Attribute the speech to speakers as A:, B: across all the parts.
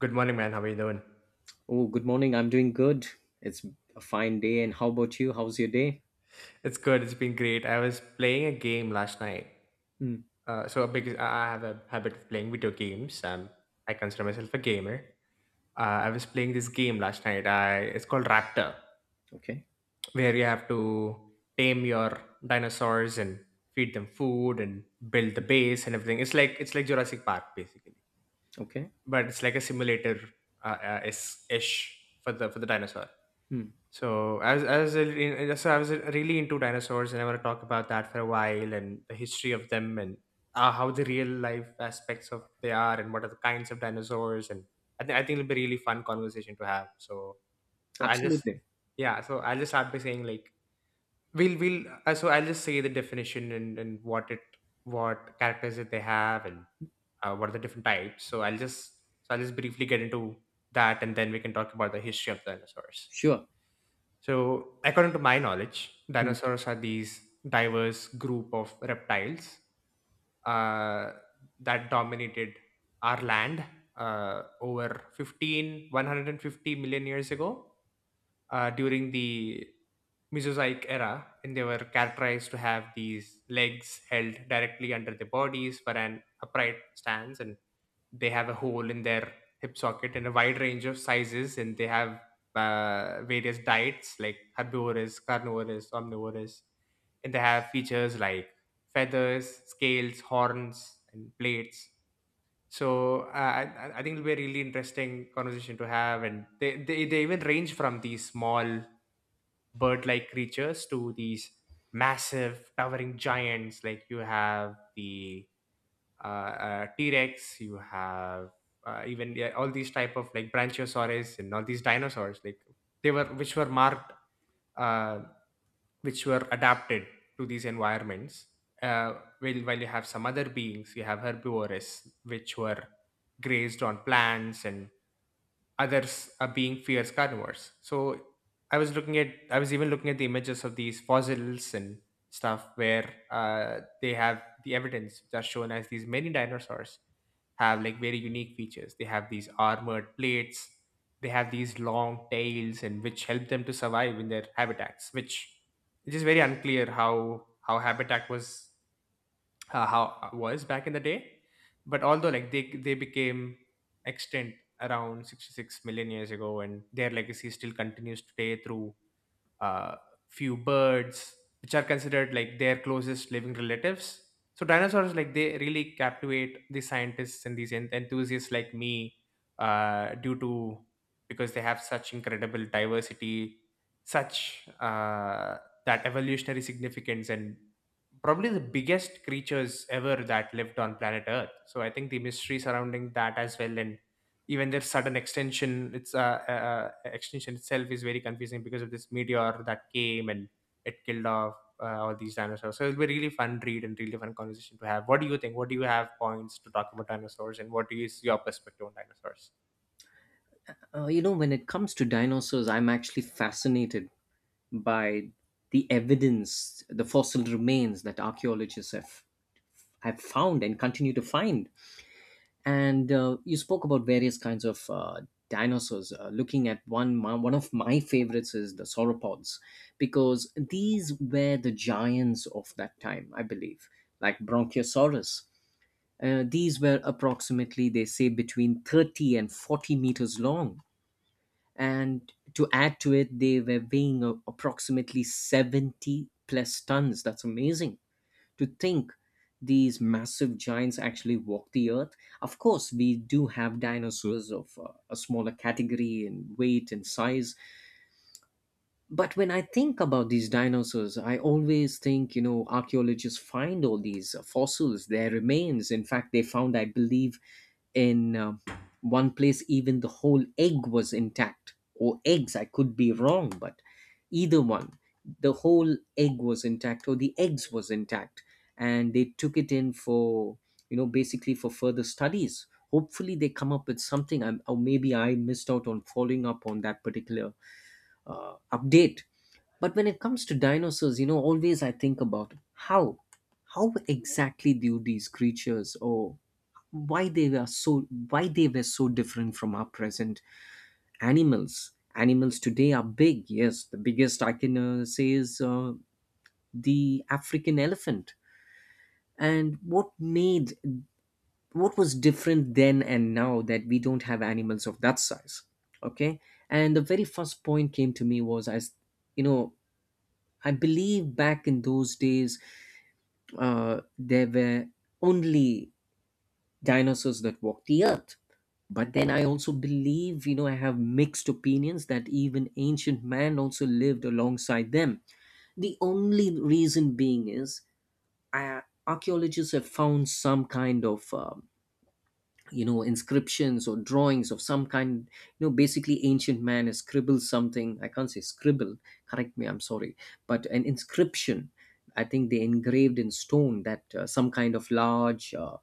A: Good morning, man. How are you doing?
B: Oh, good morning. I'm doing good. It's a fine day. And how about you? How's your day?
A: It's good. It's been great. I was playing a game last night.
B: Hmm.
A: So because I have a habit of playing video games, I consider myself a gamer. I was playing this game last night. I It's called Raptor,
B: Okay.
A: where you have to tame your dinosaurs and feed them food and build the base and everything. It's like Jurassic Park basically,
B: Okay.
A: but it's like a simulator ish for the dinosaur.
B: Hmm.
A: So I was really into dinosaurs, and I want to talk about that for a while and the history of them and how the real life aspects of they are and what are the kinds of dinosaurs. And I think it'll be a really fun conversation to have. So I'll just
B: Absolutely.
A: yeah so I'll just start by saying, like, we'll so I'll just say the definition and what it, what characters that they have, and what are the different types. So I'll just briefly get into that, and then we can talk about the history of dinosaurs.
B: Sure.
A: So, according to my knowledge,
B: Hmm.
A: dinosaurs are these diverse group of reptiles uh, that dominated our land over 150 million years ago during the Mesozoic era, and they were characterized to have these legs held directly under the bodies for an upright stance, and they have a hole in their hip socket in a wide range of sizes. And they have various diets like herbivorous, carnivorous, omnivorous, and they have features like feathers, scales, horns, and plates. So I think it'll be a really interesting conversation to have, and they even range from these small bird-like creatures to these massive towering giants. Like, you have the T-Rex, you have even, yeah, all these type of like brachiosaurus and all these dinosaurs, like they were which were marked, uh, which were adapted to these environments. While you have some other beings, you have herbivores, which were grazed on plants, and others are being fierce carnivores. So I was even looking at the images of these fossils and stuff, where they have the evidence which are shown as these many dinosaurs have like very unique features. They have these armored plates, they have these long tails, and which help them to survive in their habitats, which it is very unclear how habitat was, how was back in the day. But although, like, they became extinct around 66 million years ago, and their legacy still continues today through uh, few birds, which are considered like their closest living relatives. So dinosaurs, like, they really captivate the scientists and these enthusiasts like me, due to because they have such incredible diversity, such that evolutionary significance, and probably the biggest creatures ever that lived on planet Earth. So I think the mystery surrounding that as well, and even their sudden extension, its extension itself, is very confusing because of this meteor that came and it killed off all these dinosaurs. So it'll be really fun read and really fun conversation to have. What do you think? What do you have points to talk about dinosaurs, and what is your perspective on dinosaurs?
B: When it comes to dinosaurs, I'm actually fascinated by the evidence, the fossil remains that archaeologists have found and continue to find. And you spoke about various kinds of dinosaurs looking at one of my favorites is the sauropods, because these were the giants of that time, I believe, like bronchiosaurus. These were approximately, they say, between 30 and 40 meters long, and to add to it, they were weighing approximately 70 plus tons. That's amazing to think these massive giants actually walked the earth. Of course, we do have dinosaurs of a smaller category in weight and size, but when I think about these dinosaurs, I always think, you know, archaeologists find all these fossils, their remains. In fact, they found, I believe, in one place, even the whole egg was intact, or eggs, I could be wrong, but either one, the whole egg was intact or the eggs was intact, and they took it in for, you know, basically for further studies. Hopefully they come up with something or maybe I missed out on following up on that particular update. But when it comes to dinosaurs, you know, always I think about how exactly do these creatures, or why they were so different from our present animals. Animals today are big. Yes, the biggest I can say is the African elephant. And what was different then and now that we don't have animals of that size? Okay, and the very first point came to me was, as you know, I believe back in those days there were only dinosaurs that walked the earth. But then I also believe, you know, I have mixed opinions, that even ancient man also lived alongside them. The only reason being is uh, archaeologists have found some kind of you know, inscriptions or drawings of some kind. You know, basically ancient man has scribbled something. I can't say scribble, correct me, I'm sorry, but an inscription. I think they engraved in stone that some kind of large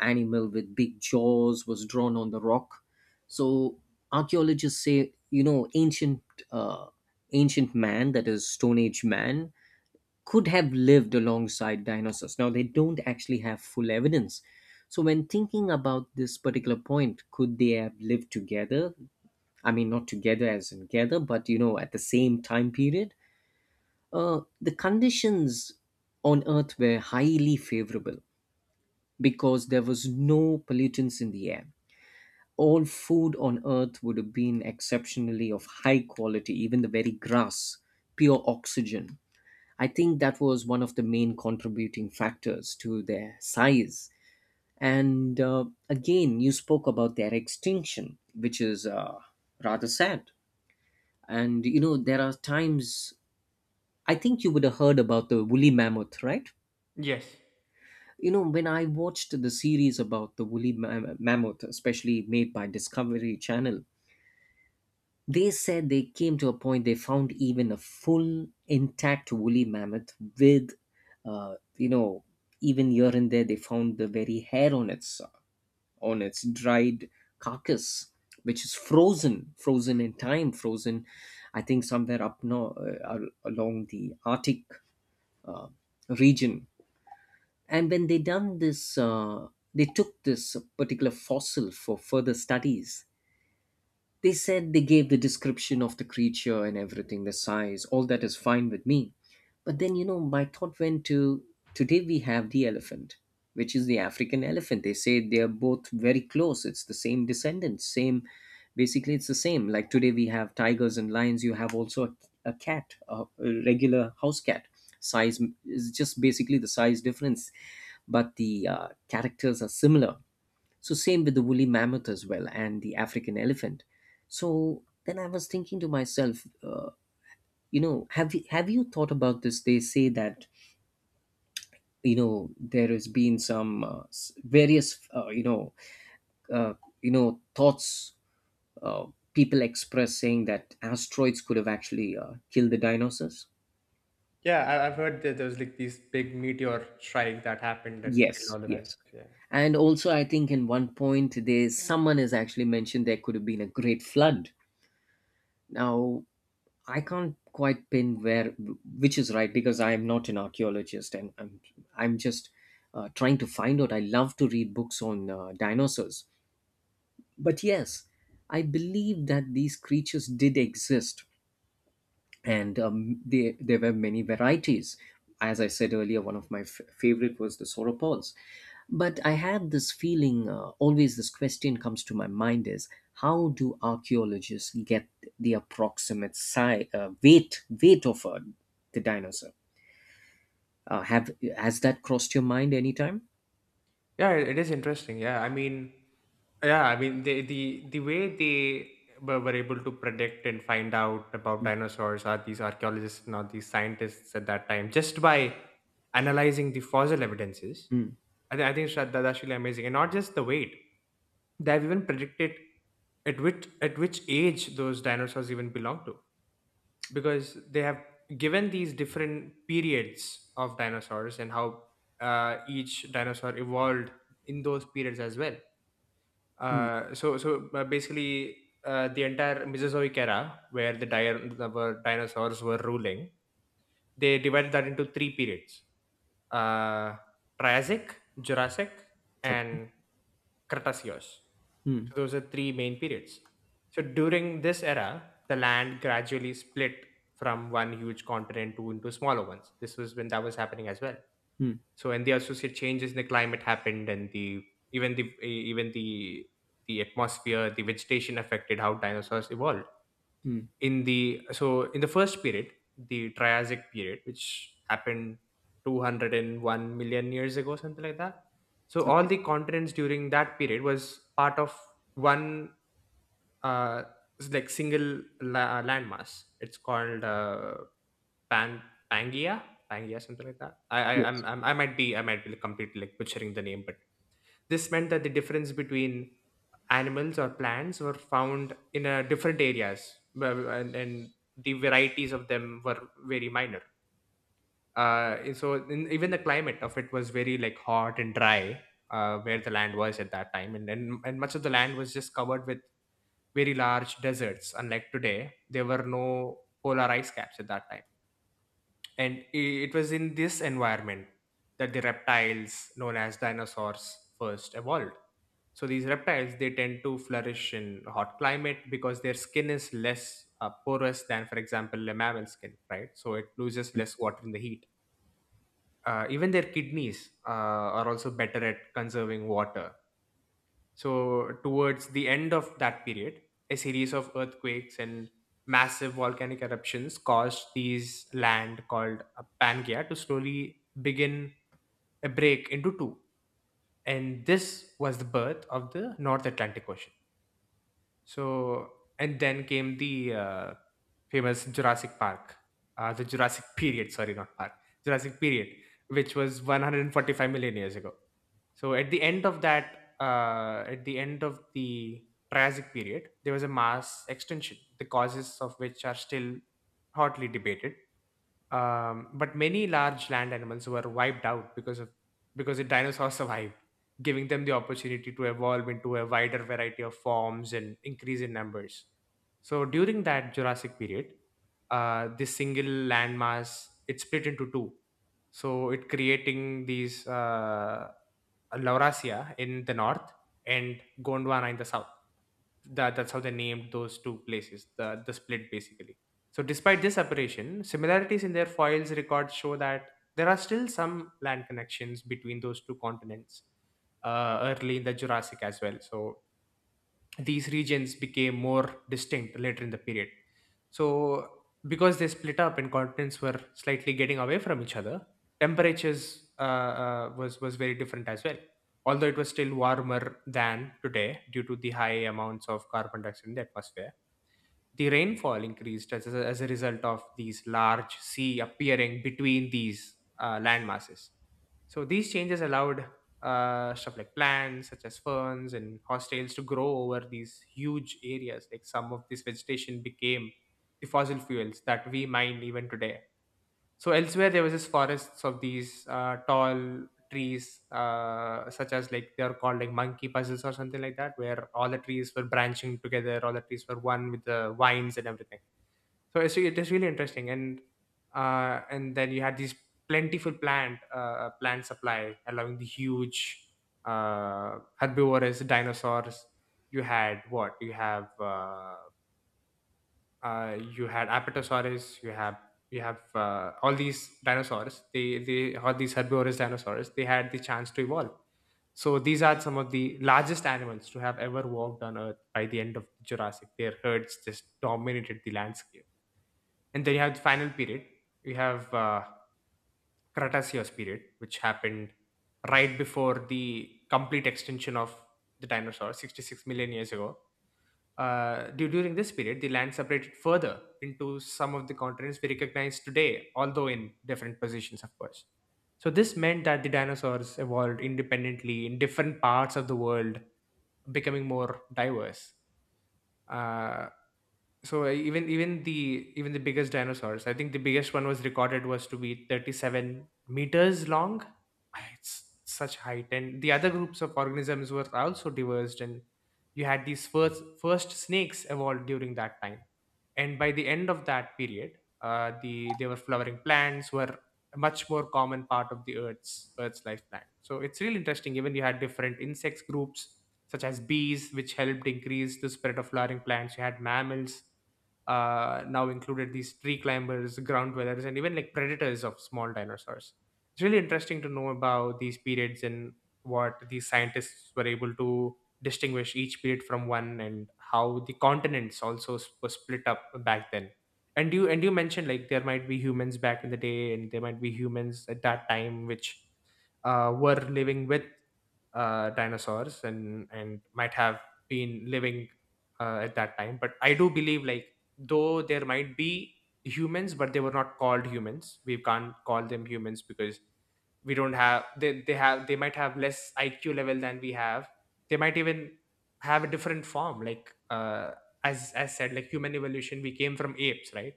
B: animal with big jaws was drawn on the rock. So archaeologists say, you know, uh, ancient man, that is stone age man, could have lived alongside dinosaurs. Now, they don't actually have full evidence. So, when thinking about this particular point, could they have lived together? I mean, not together as in together, but you know, at the same time period? The conditions on Earth were highly favorable because there was no pollutants in the air. All food on Earth would have been exceptionally of high quality, even the very grass, pure oxygen. I think that was one of the main contributing factors to their size. And again, you spoke about their extinction, which is rather sad. And you know, there are times I think you would have heard about the woolly mammoth, right?
A: Yes.
B: You know, when I watched the series about the mammoth, especially made by Discovery Channel, they said they came to a point they found even a full intact woolly mammoth with, you know, even here and there they found the very hair on its dried carcass, which is frozen in time, frozen, I think somewhere up north along the Arctic region. And when they done they took this particular fossil for further studies. They said they gave the description of the creature and everything, the size. All that is fine with me. But then, you know, my thought went to, today we have the elephant, which is the African elephant. They say they are both very close. It's the same descendants, same, basically, it's the same. Like today we have tigers and lions, you have also a cat, a regular house cat. Size is just basically the size difference, but the characters are similar. So same with the woolly mammoth as well and the African elephant. So then I was thinking to myself, you know, have you thought about this? They say that, you know, there has been some various you know, uh, you know, thoughts, uh, people express, saying that asteroids could have actually killed the dinosaurs.
A: Yeah, I, I've heard that there was like this big meteor strike that happened and killed
B: Yes,
A: all the
B: yes.
A: dinosaurs, yeah.
B: And also, I think in one point, there someone has actually mentioned there could have been a great flood. Now, I can't quite pin where which is right, because I am not an archaeologist and I'm just trying to find out. I love to read books on dinosaurs, but yes, I believe that these creatures did exist, and there were many varieties. As I said earlier, one of my favorite was the sauropods. But I had this feeling, always this question comes to my mind is, how do archaeologists get the approximate size, weight of the dinosaur? Have has that crossed your mind anytime?
A: Yeah, it is interesting. Yeah, I mean, the way they were able to predict and find out about dinosaurs are these archaeologists and are these scientists at that time just by analyzing the fossil evidences.
B: Mm.
A: I think that that's really amazing, and not just the weight. They have even predicted at which age those dinosaurs even belong to, because they have given these different periods of dinosaurs and how each dinosaur evolved in those periods as well.
B: Mm.
A: Basically, the entire Mesozoic era, where the di- the- were dinosaurs were ruling, they divided that into three periods: uh, Triassic, Jurassic,
B: Okay.
A: and Cretaceous. So those are three main periods. So during this era, the land gradually split from one huge continent to into smaller ones. This was when that was happening as well. So, and the associate changes in the climate happened, and the even the even the atmosphere, the vegetation affected how dinosaurs evolved. In the so in the first period, the Triassic period, which happened 201 million years ago, something like that, so all
B: Okay.
A: the continents during that period was part of one uh like single landmass. It's called pan pangea Pangea, something like that. i i I'm,
B: Yes.
A: I'm, i might be, I might be completely like butchering the name, but this meant that the difference between animals or plants were found in different areas, and the varieties of them were very minor. Even the climate of it was very like hot and dry, where the land was at that time, and much of the land was just covered with very large deserts. Unlike today, there were no polar ice caps at that time, and it was in this environment that the reptiles, known as dinosaurs, first evolved. So these reptiles, they tend to flourish in hot climate, because their skin is less porous than, for example, a mammal skin, right? So it loses less water in the heat. Even their kidneys are also better at conserving water. So, towards the end of that period, a series of earthquakes and massive volcanic eruptions caused these land called Pangaea to slowly begin a break into two. And this was the birth of the North Atlantic Ocean. So, and then came the famous Jurassic period, sorry, not park, Jurassic period, which was 145 million years ago. So, at the end of that, at the end of the Triassic period, there was a mass extinction, the causes of which are still hotly debated. But many large land animals were wiped out, because of because the dinosaurs survived, giving them the opportunity to evolve into a wider variety of forms and increase in numbers. So during that Jurassic period, this single landmass, it split into two. So it creating these Laurasia in the north and Gondwana in the south. That's how they named those two places, the split basically. So, despite this separation, similarities in their foils records show that there are still some land connections between those two continents early in the Jurassic as well. So, these regions became more distinct later in the period. So, because they split up and continents were slightly getting away from each other, temperatures was very different as well. Although it was still warmer than today due to the high amounts of carbon dioxide in the atmosphere, the rainfall increased as a result of these large sea appearing between these land masses. So these changes allowed stuff like plants, such as ferns and horsetails, to grow over these huge areas. Like, some of this vegetation became the fossil fuels that we mine even today. So elsewhere there was just forests of these tall trees, such as, like, they are called like monkey puzzles or something like that, where all the trees were branching together, all the trees were one with the vines and everything. So it is really interesting, and then you had these plentiful plant plant supply, allowing the huge herbivorous dinosaurs. You had what? You have. You had Apatosaurus, you have all these dinosaurs. They all these herbivorous dinosaurs, they had the chance to evolve. So these are some of the largest animals to have ever walked on Earth by the end of Jurassic. Their herds just dominated the landscape. And then you have the final period. You have Cretaceous period, which happened right before the complete extinction of the dinosaurs, 66 million years ago. During this period, the land separated further into some of the continents we recognize today, although in different positions, of course. So, this meant that the dinosaurs evolved independently in different parts of the world, becoming more diverse. Uh, so even the biggest dinosaurs, I think the biggest one was recorded was to be 37 meters long. Ah, it's such height. And the other groups of organisms were also diverged, and you had these first snakes evolved during that time, and by the end of that period they were flowering plants, were a much more common part of the earth's life plan. So it's really interesting, even you had different insects groups such as bees, which helped increase the spread of flowering plants. You had mammals, now included these tree climbers, ground dwellers, and even like predators of small dinosaurs. It's really interesting to know about these periods and what these scientists were able to distinguish each period from one, and how the continents also were split up back then. And you mentioned like there might be humans back in the day, and there might be humans at that time, which were living with dinosaurs and might have been living at that time. But I do believe, like, though there might be humans, but they were not called humans, we can't call them humans because we don't have they have they might have less IQ level than we have. They might even have a different form, like as said, like, human evolution, we came from apes, right?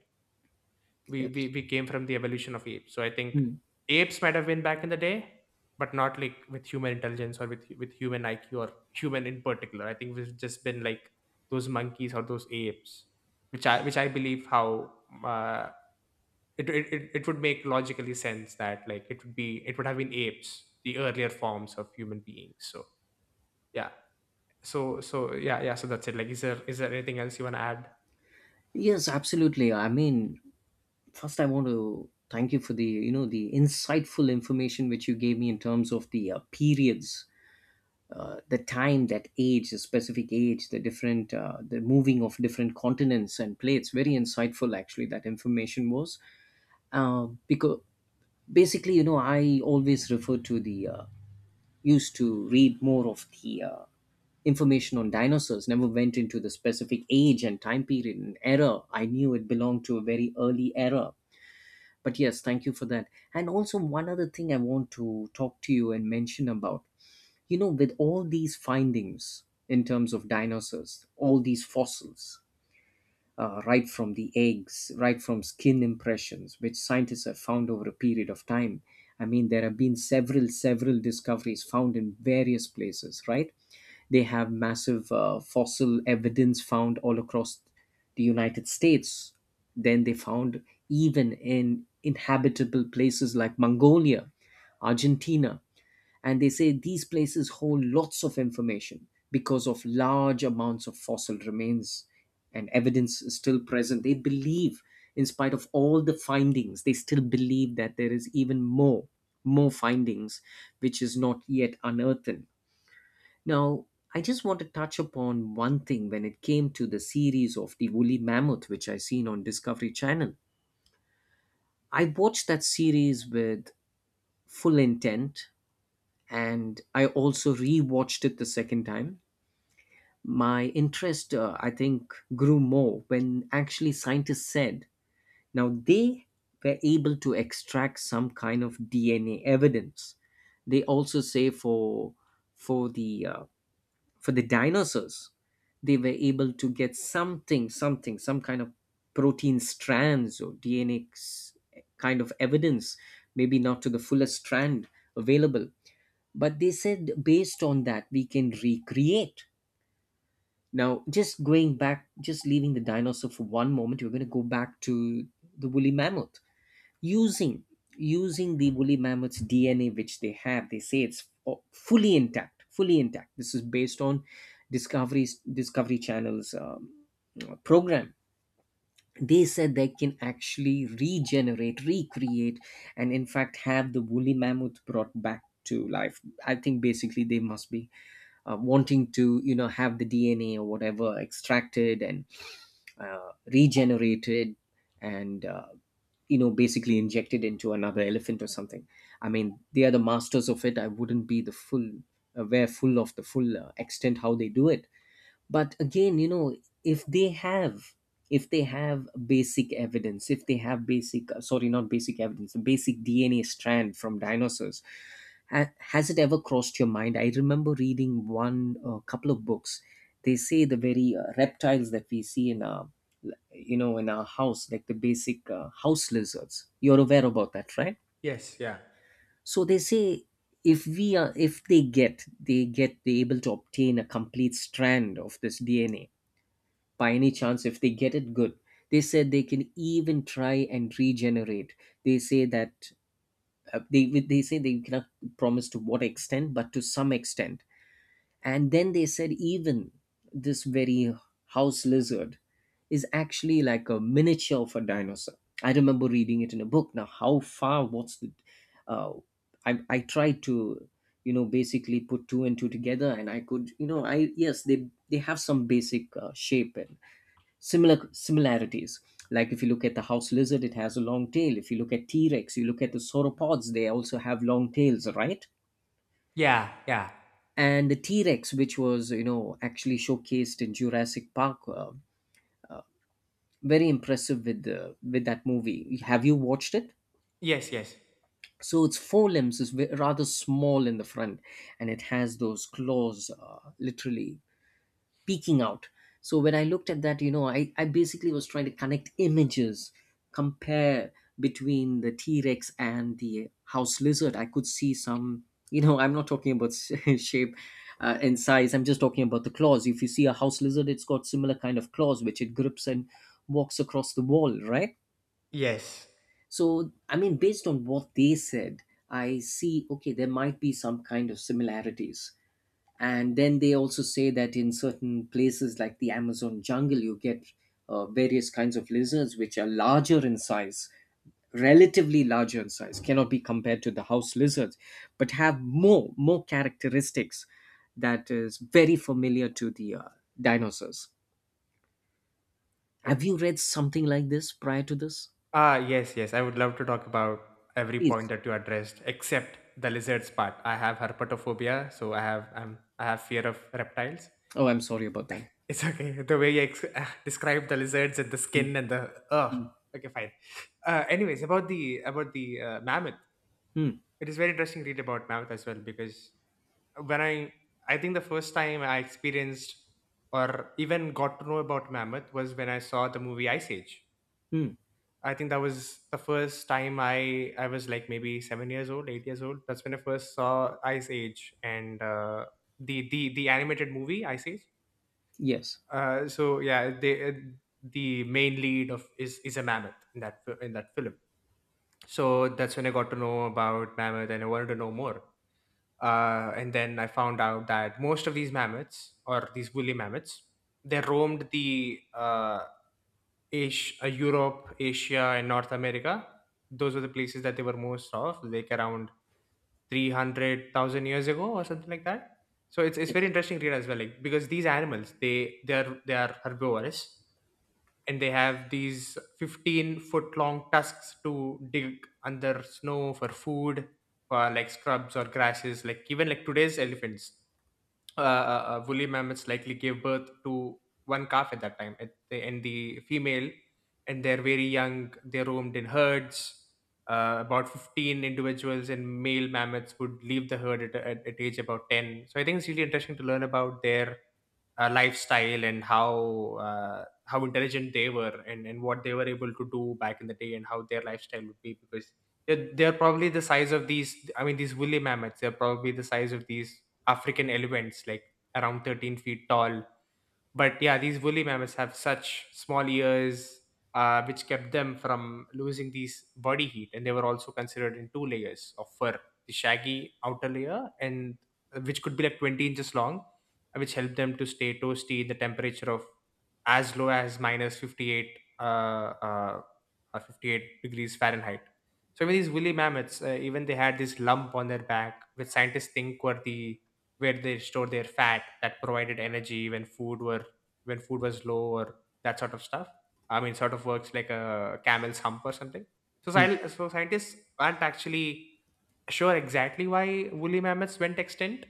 A: we, we
B: Yes.
A: we came from the evolution of apes, so I think
B: Mm.
A: apes might have been back in the day, but not like with human intelligence, or with human IQ or human in particular. I think we've just been like those monkeys or those apes, which I believe how uh, it would make logically sense that, like, it would be, it would have been apes, the earlier forms of human beings. So yeah. So that's it. Like, is there anything else you want to add?
B: Yes, absolutely. I mean, first I want to thank you for the, you know, the insightful information which you gave me in terms of the periods, the specific age, the different the moving of different continents and plates. Very insightful actually, that information was. Because basically, you know, I always refer to the used to read more of the information on dinosaurs, never went into the specific age and time period and era. I knew it belonged to a very early era, but yes, thank you for that. And also one other thing I want to talk to you and mention about, you know, with all these findings in terms of dinosaurs, all these fossils, right from the eggs, right from skin impressions, which scientists have found over a period of time. I mean, there have been several discoveries found in various places, right? They have massive fossil evidence found all across the United States. Then they found even in inhabitable places like Mongolia, Argentina. And they say these places hold lots of information because of large amounts of fossil remains and evidence is still present. They believe, in spite of all the findings, they still believe that there is more findings which is not yet unearthed. Now, I just want to touch upon one thing when it came to the series of the woolly mammoth, which I seen on Discovery Channel. I watched that series with full intent, and I also re-watched it the second time. My interest, I think, grew more when actually scientists said, now they were able to extract some kind of DNA evidence. They also say for the uh, for the dinosaurs, they were able to get something, some kind of protein strands or DNA's kind of evidence, maybe not to the fullest strand available, but they said, based on that, we can recreate. Now, just going back, just leaving the dinosaur for one moment, we're going to go back to the woolly mammoth, using using the woolly mammoth's DNA, which they have. They say it's fully intact, fully intact. This is based on discoveries discovery channel's program. They said they can actually regenerate, recreate, and in fact have the woolly mammoth brought back to life. I think basically they must be wanting to, you know, have the DNA or whatever extracted and regenerated and you know, basically injected into another elephant or something. I mean, they are the masters of it. I wouldn't be the full aware full of the full extent how they do it. But again, you know, if they have, if they have basic evidence, if they have basic sorry, not basic evidence, basic DNA strand from dinosaurs, has it ever crossed your mind? I remember reading one couple of books. They say the very reptiles that we see in you know, in our house, like the basic house lizards, you're aware about that, right?
A: Yes, yeah,
B: So they say, if we are, if they get they get they able to obtain a complete strand of this DNA, by any chance, if they get it, good, they said they can even try and regenerate. They say that they say they cannot promise to what extent, but to some extent. And then they said, even this very house lizard is actually like a miniature of a dinosaur. I remember reading it in a book. Now, how far? What's the? Uh, I tried to, you know, basically put two and two together, and I could, you know, I yes, they have some basic shape and similarities. Like if you look at the house lizard, it has a long tail. If you look at T Rex, you look at the sauropods, they also have long tails, right?
A: yeah, yeah.
B: And the T-Rex, which was, you know, actually showcased in Jurassic Park, very impressive with the with that movie. Have you watched it?
A: Yes, yes,
B: So its forelimbs is rather small in the front, and it has those claws, literally peeking out. So when I looked at that, I basically was trying to connect images, compare between the t-rex and the house lizard. I could see some, you know, I'm not talking about shape and size. I'm just talking about the claws. If you see a house lizard, it's got similar kind of claws which it grips and walks across the wall, right?
A: yes.
B: So I mean, based on what they said, I see, okay, there might be some kind of similarities. And then they also say that in certain places like the Amazon jungle, you get various kinds of lizards which are larger in size, relatively larger in size, cannot be compared to the house lizards, but have more characteristics that is very familiar to the dinosaurs.
A: Uh,
B: Have you read something like this prior to this?
A: Ah, yes, yes. I would love to talk about every point
B: Please.
A: that you addressed, except the lizards part. I have herpetophobia, so I have fear of reptiles.
B: Oh, I'm sorry about that.
A: It's okay. The way you describe the lizards and the
B: Mm,
A: skin and the ugh.
B: mm,
A: Okay, fine. Anyways, about the mammoth,
B: mm,
A: it is very interesting to read about mammoth as well, because when I think the first time I experienced or even got to know about mammoth was when I saw the movie Ice Age.
B: mm.
A: I think that was the first time I was like maybe 7 years old, 8 years old. That's when I first saw Ice Age and the animated movie Ice Age.
B: Yes,
A: So yeah, they, the main lead of is a mammoth in that film. So that's when I got to know about mammoth, and I wanted to know more. And then I found out that most of these mammoths or these woolly mammoths, they roamed the Asia, Europe, Asia, and North America. Those were the places that they were most of, like around 300,000 years ago or something like that. So it's very
B: yes.
A: interesting to read as well, like, because these animals, they are herbivorous, and they have these 15-foot long tusks to dig under snow for food, for like scrubs or grasses, like even like today's elephants. Woolly mammoths likely gave birth to one calf at that time. At the, and the female, and they're very young, they roamed in herds. About 15 individuals, and male mammoths would leave the herd at age about 10. So I think it's really interesting to learn about their lifestyle and how intelligent they were, and what they were able to do back in the day, and how their lifestyle would be, because they're probably the size of these, I mean these woolly mammoths, they're probably the size of these African elephants, like around 13 feet tall. But yeah, these woolly mammoths have such small ears, which kept them from losing these body heat, and they were also considered in two layers of fur: the shaggy outer layer, and which could be like 20 inches long, which helped them to stay toasty in the temperature of as low as minus 58, 58 degrees Fahrenheit. So even these woolly mammoths, even they had this lump on their back, which scientists think were the where they store their fat, that provided energy when food were when food was low or that sort of stuff. I mean, sort of works like a camel's hump or something. So,
B: Mm.
A: scientists aren't actually sure exactly why woolly mammoths went extinct,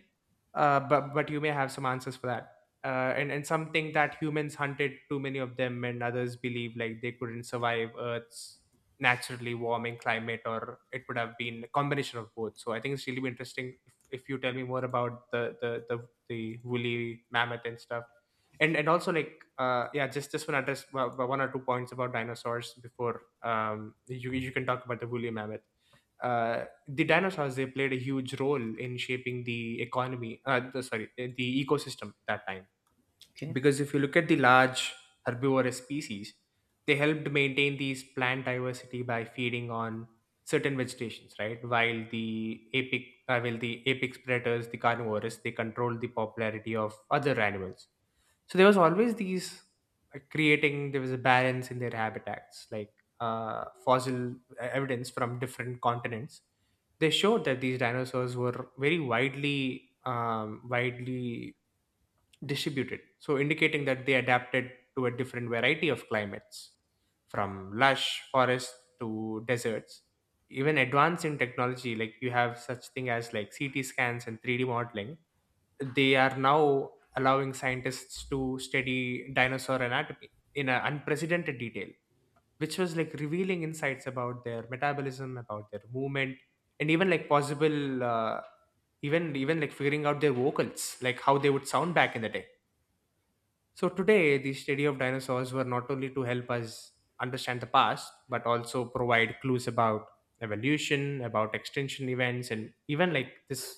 A: but you may have some answers for that. And some think that humans hunted too many of them, and others believe like they couldn't survive Earth's naturally warming climate, or it would have been a combination of both. So I think it's really interesting if you tell me more about the woolly mammoth and stuff. And also, like, yeah, just want to address one or two points about dinosaurs before you can talk about the woolly mammoth. Uh the dinosaurs, they played a huge role in shaping the economy, the, sorry, the ecosystem at that time,
B: Okay.
A: because if you look at the large herbivorous species, they helped maintain these plant diversity by feeding on certain vegetations, right, while the apex predators, the carnivores, they controlled the popularity of other animals. So there was always these, like, creating, there was a balance in their habitats, like fossil evidence from different continents. They showed that these dinosaurs were very widely distributed, so indicating that they adapted to a different variety of climates, from lush forests to deserts. Even advance in technology, like, you have such thing as like CT scans and 3D modeling, they are now allowing scientists to study dinosaur anatomy in an unprecedented detail, which was like revealing insights about their metabolism, about their movement, and even like possible, even like figuring out their vocals, like how they would sound back in the day. So today, the study of dinosaurs were not only to help us understand the past, but also provide clues about evolution, about extinction events, and even like this,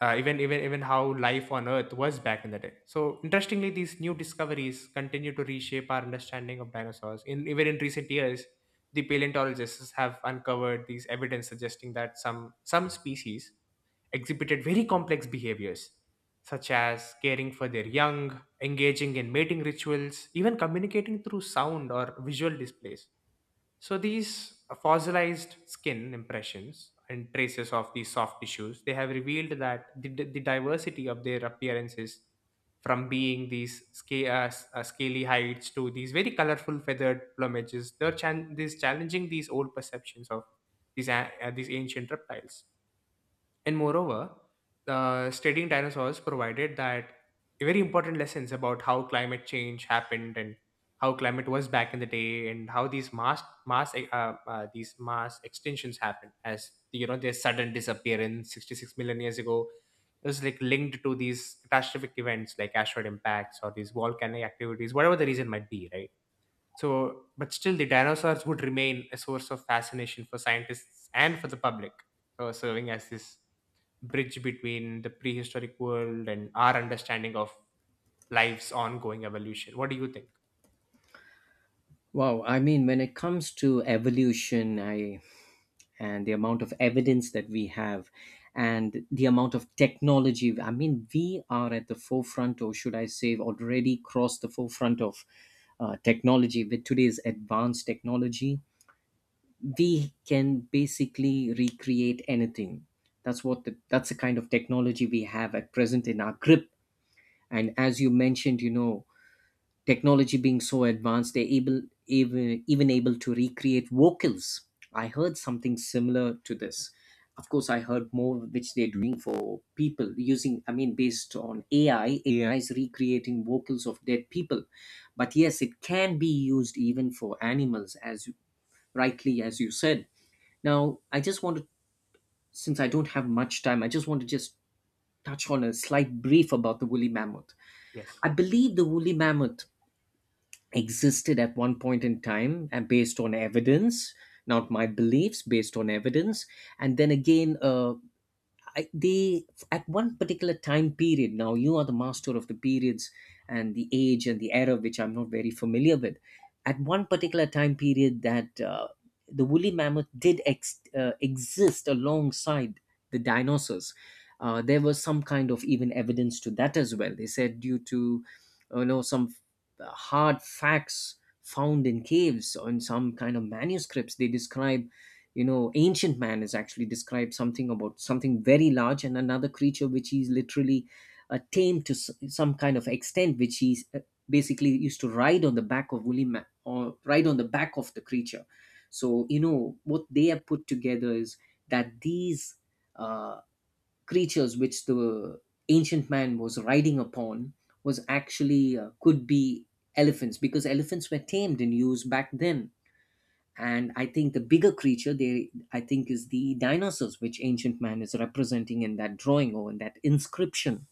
A: even how life on Earth was back in the day. So interestingly, these new discoveries continue to reshape our understanding of dinosaurs. In recent years, the paleontologists have uncovered these evidence suggesting that some species exhibited very complex behaviors, such as caring for their young, engaging in mating rituals, even communicating through sound or visual displays. So these fossilized skin impressions and traces of these soft tissues, they have revealed that the diversity of their appearances, from being these scaly heights to these very colorful feathered plumages, these challenging these old perceptions of these ancient reptiles. And moreover, studying dinosaurs provided that very important lessons about how climate change happened, and how climate was back in the day, and how these mass extinctions happened. As you know, their sudden disappearance 66 million years ago, it was like linked to these catastrophic events like asteroid impacts or these volcanic activities, whatever the reason might be, right. So, but still, the dinosaurs would remain a source of fascination for scientists and for the public, serving as this bridge between the prehistoric world and our understanding of life's ongoing evolution. What do you think?
B: Wow, I mean, when it comes to evolution, I and the amount of evidence that we have and the amount of technology, I mean, we are at the forefront, or should I say already crossed the forefront of, technology. With today's advanced technology, we can basically recreate anything. That's the kind of technology we have at present in our grip. And as you mentioned, you know, technology being so advanced, they're able, even able to recreate vocals. I heard something similar to this. Of course, I heard more which they're doing for people using, I mean, based on AI. AI is recreating vocals of dead people. But yes, it can be used even for animals, rightly as you said. Now I just want to, since I don't have much time, I just want to just touch on a slight brief about the woolly mammoth.
A: Yes.
B: I believe the woolly mammoth existed at one point in time, and based on evidence, not my beliefs, based on evidence. And then again, they, at one particular time period, now you are the master of the periods and the age and the era, which I'm not very familiar with, at one particular time period, that, the woolly mammoth did exist alongside the dinosaurs. Uh, there was some kind of even evidence to that as well. They said, due to, you know, some, hard facts found in caves or in some kind of manuscripts, they describe, you know, ancient man is actually described something about something very large and another creature which he's literally, tamed to some kind of extent, which he's, basically used to ride on the back of woolly man, or ride on the back of the creature. So you know what they have put together is that these, uh, creatures which the ancient man was riding upon was actually, could be elephants, because elephants were tamed and used back then. And I think the bigger creature there, I think, is the dinosaurs which ancient man is representing in that drawing or in that inscription.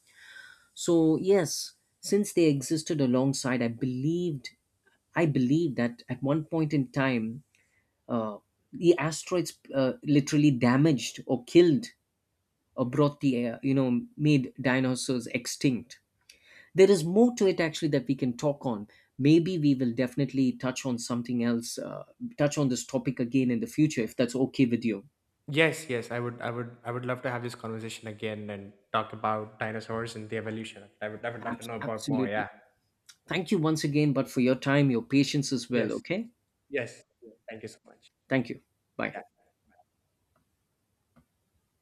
B: So yes, since they existed alongside, I believe that at one point in time, uh, the asteroids, literally damaged or killed or brought the air, you know, made dinosaurs extinct. There is more to it actually that we can talk on. Maybe we will definitely touch on this topic again in the future, if that's okay with you.
A: Yes, yes, I would love to have this conversation again and talk about dinosaurs and the evolution. I would love to know about more.
B: Absolutely.
A: Yeah.
B: Thank you once again but for your time, your patience as well,
A: Yes.
B: okay.
A: Yes. Thank you so much.
B: Thank you. Bye.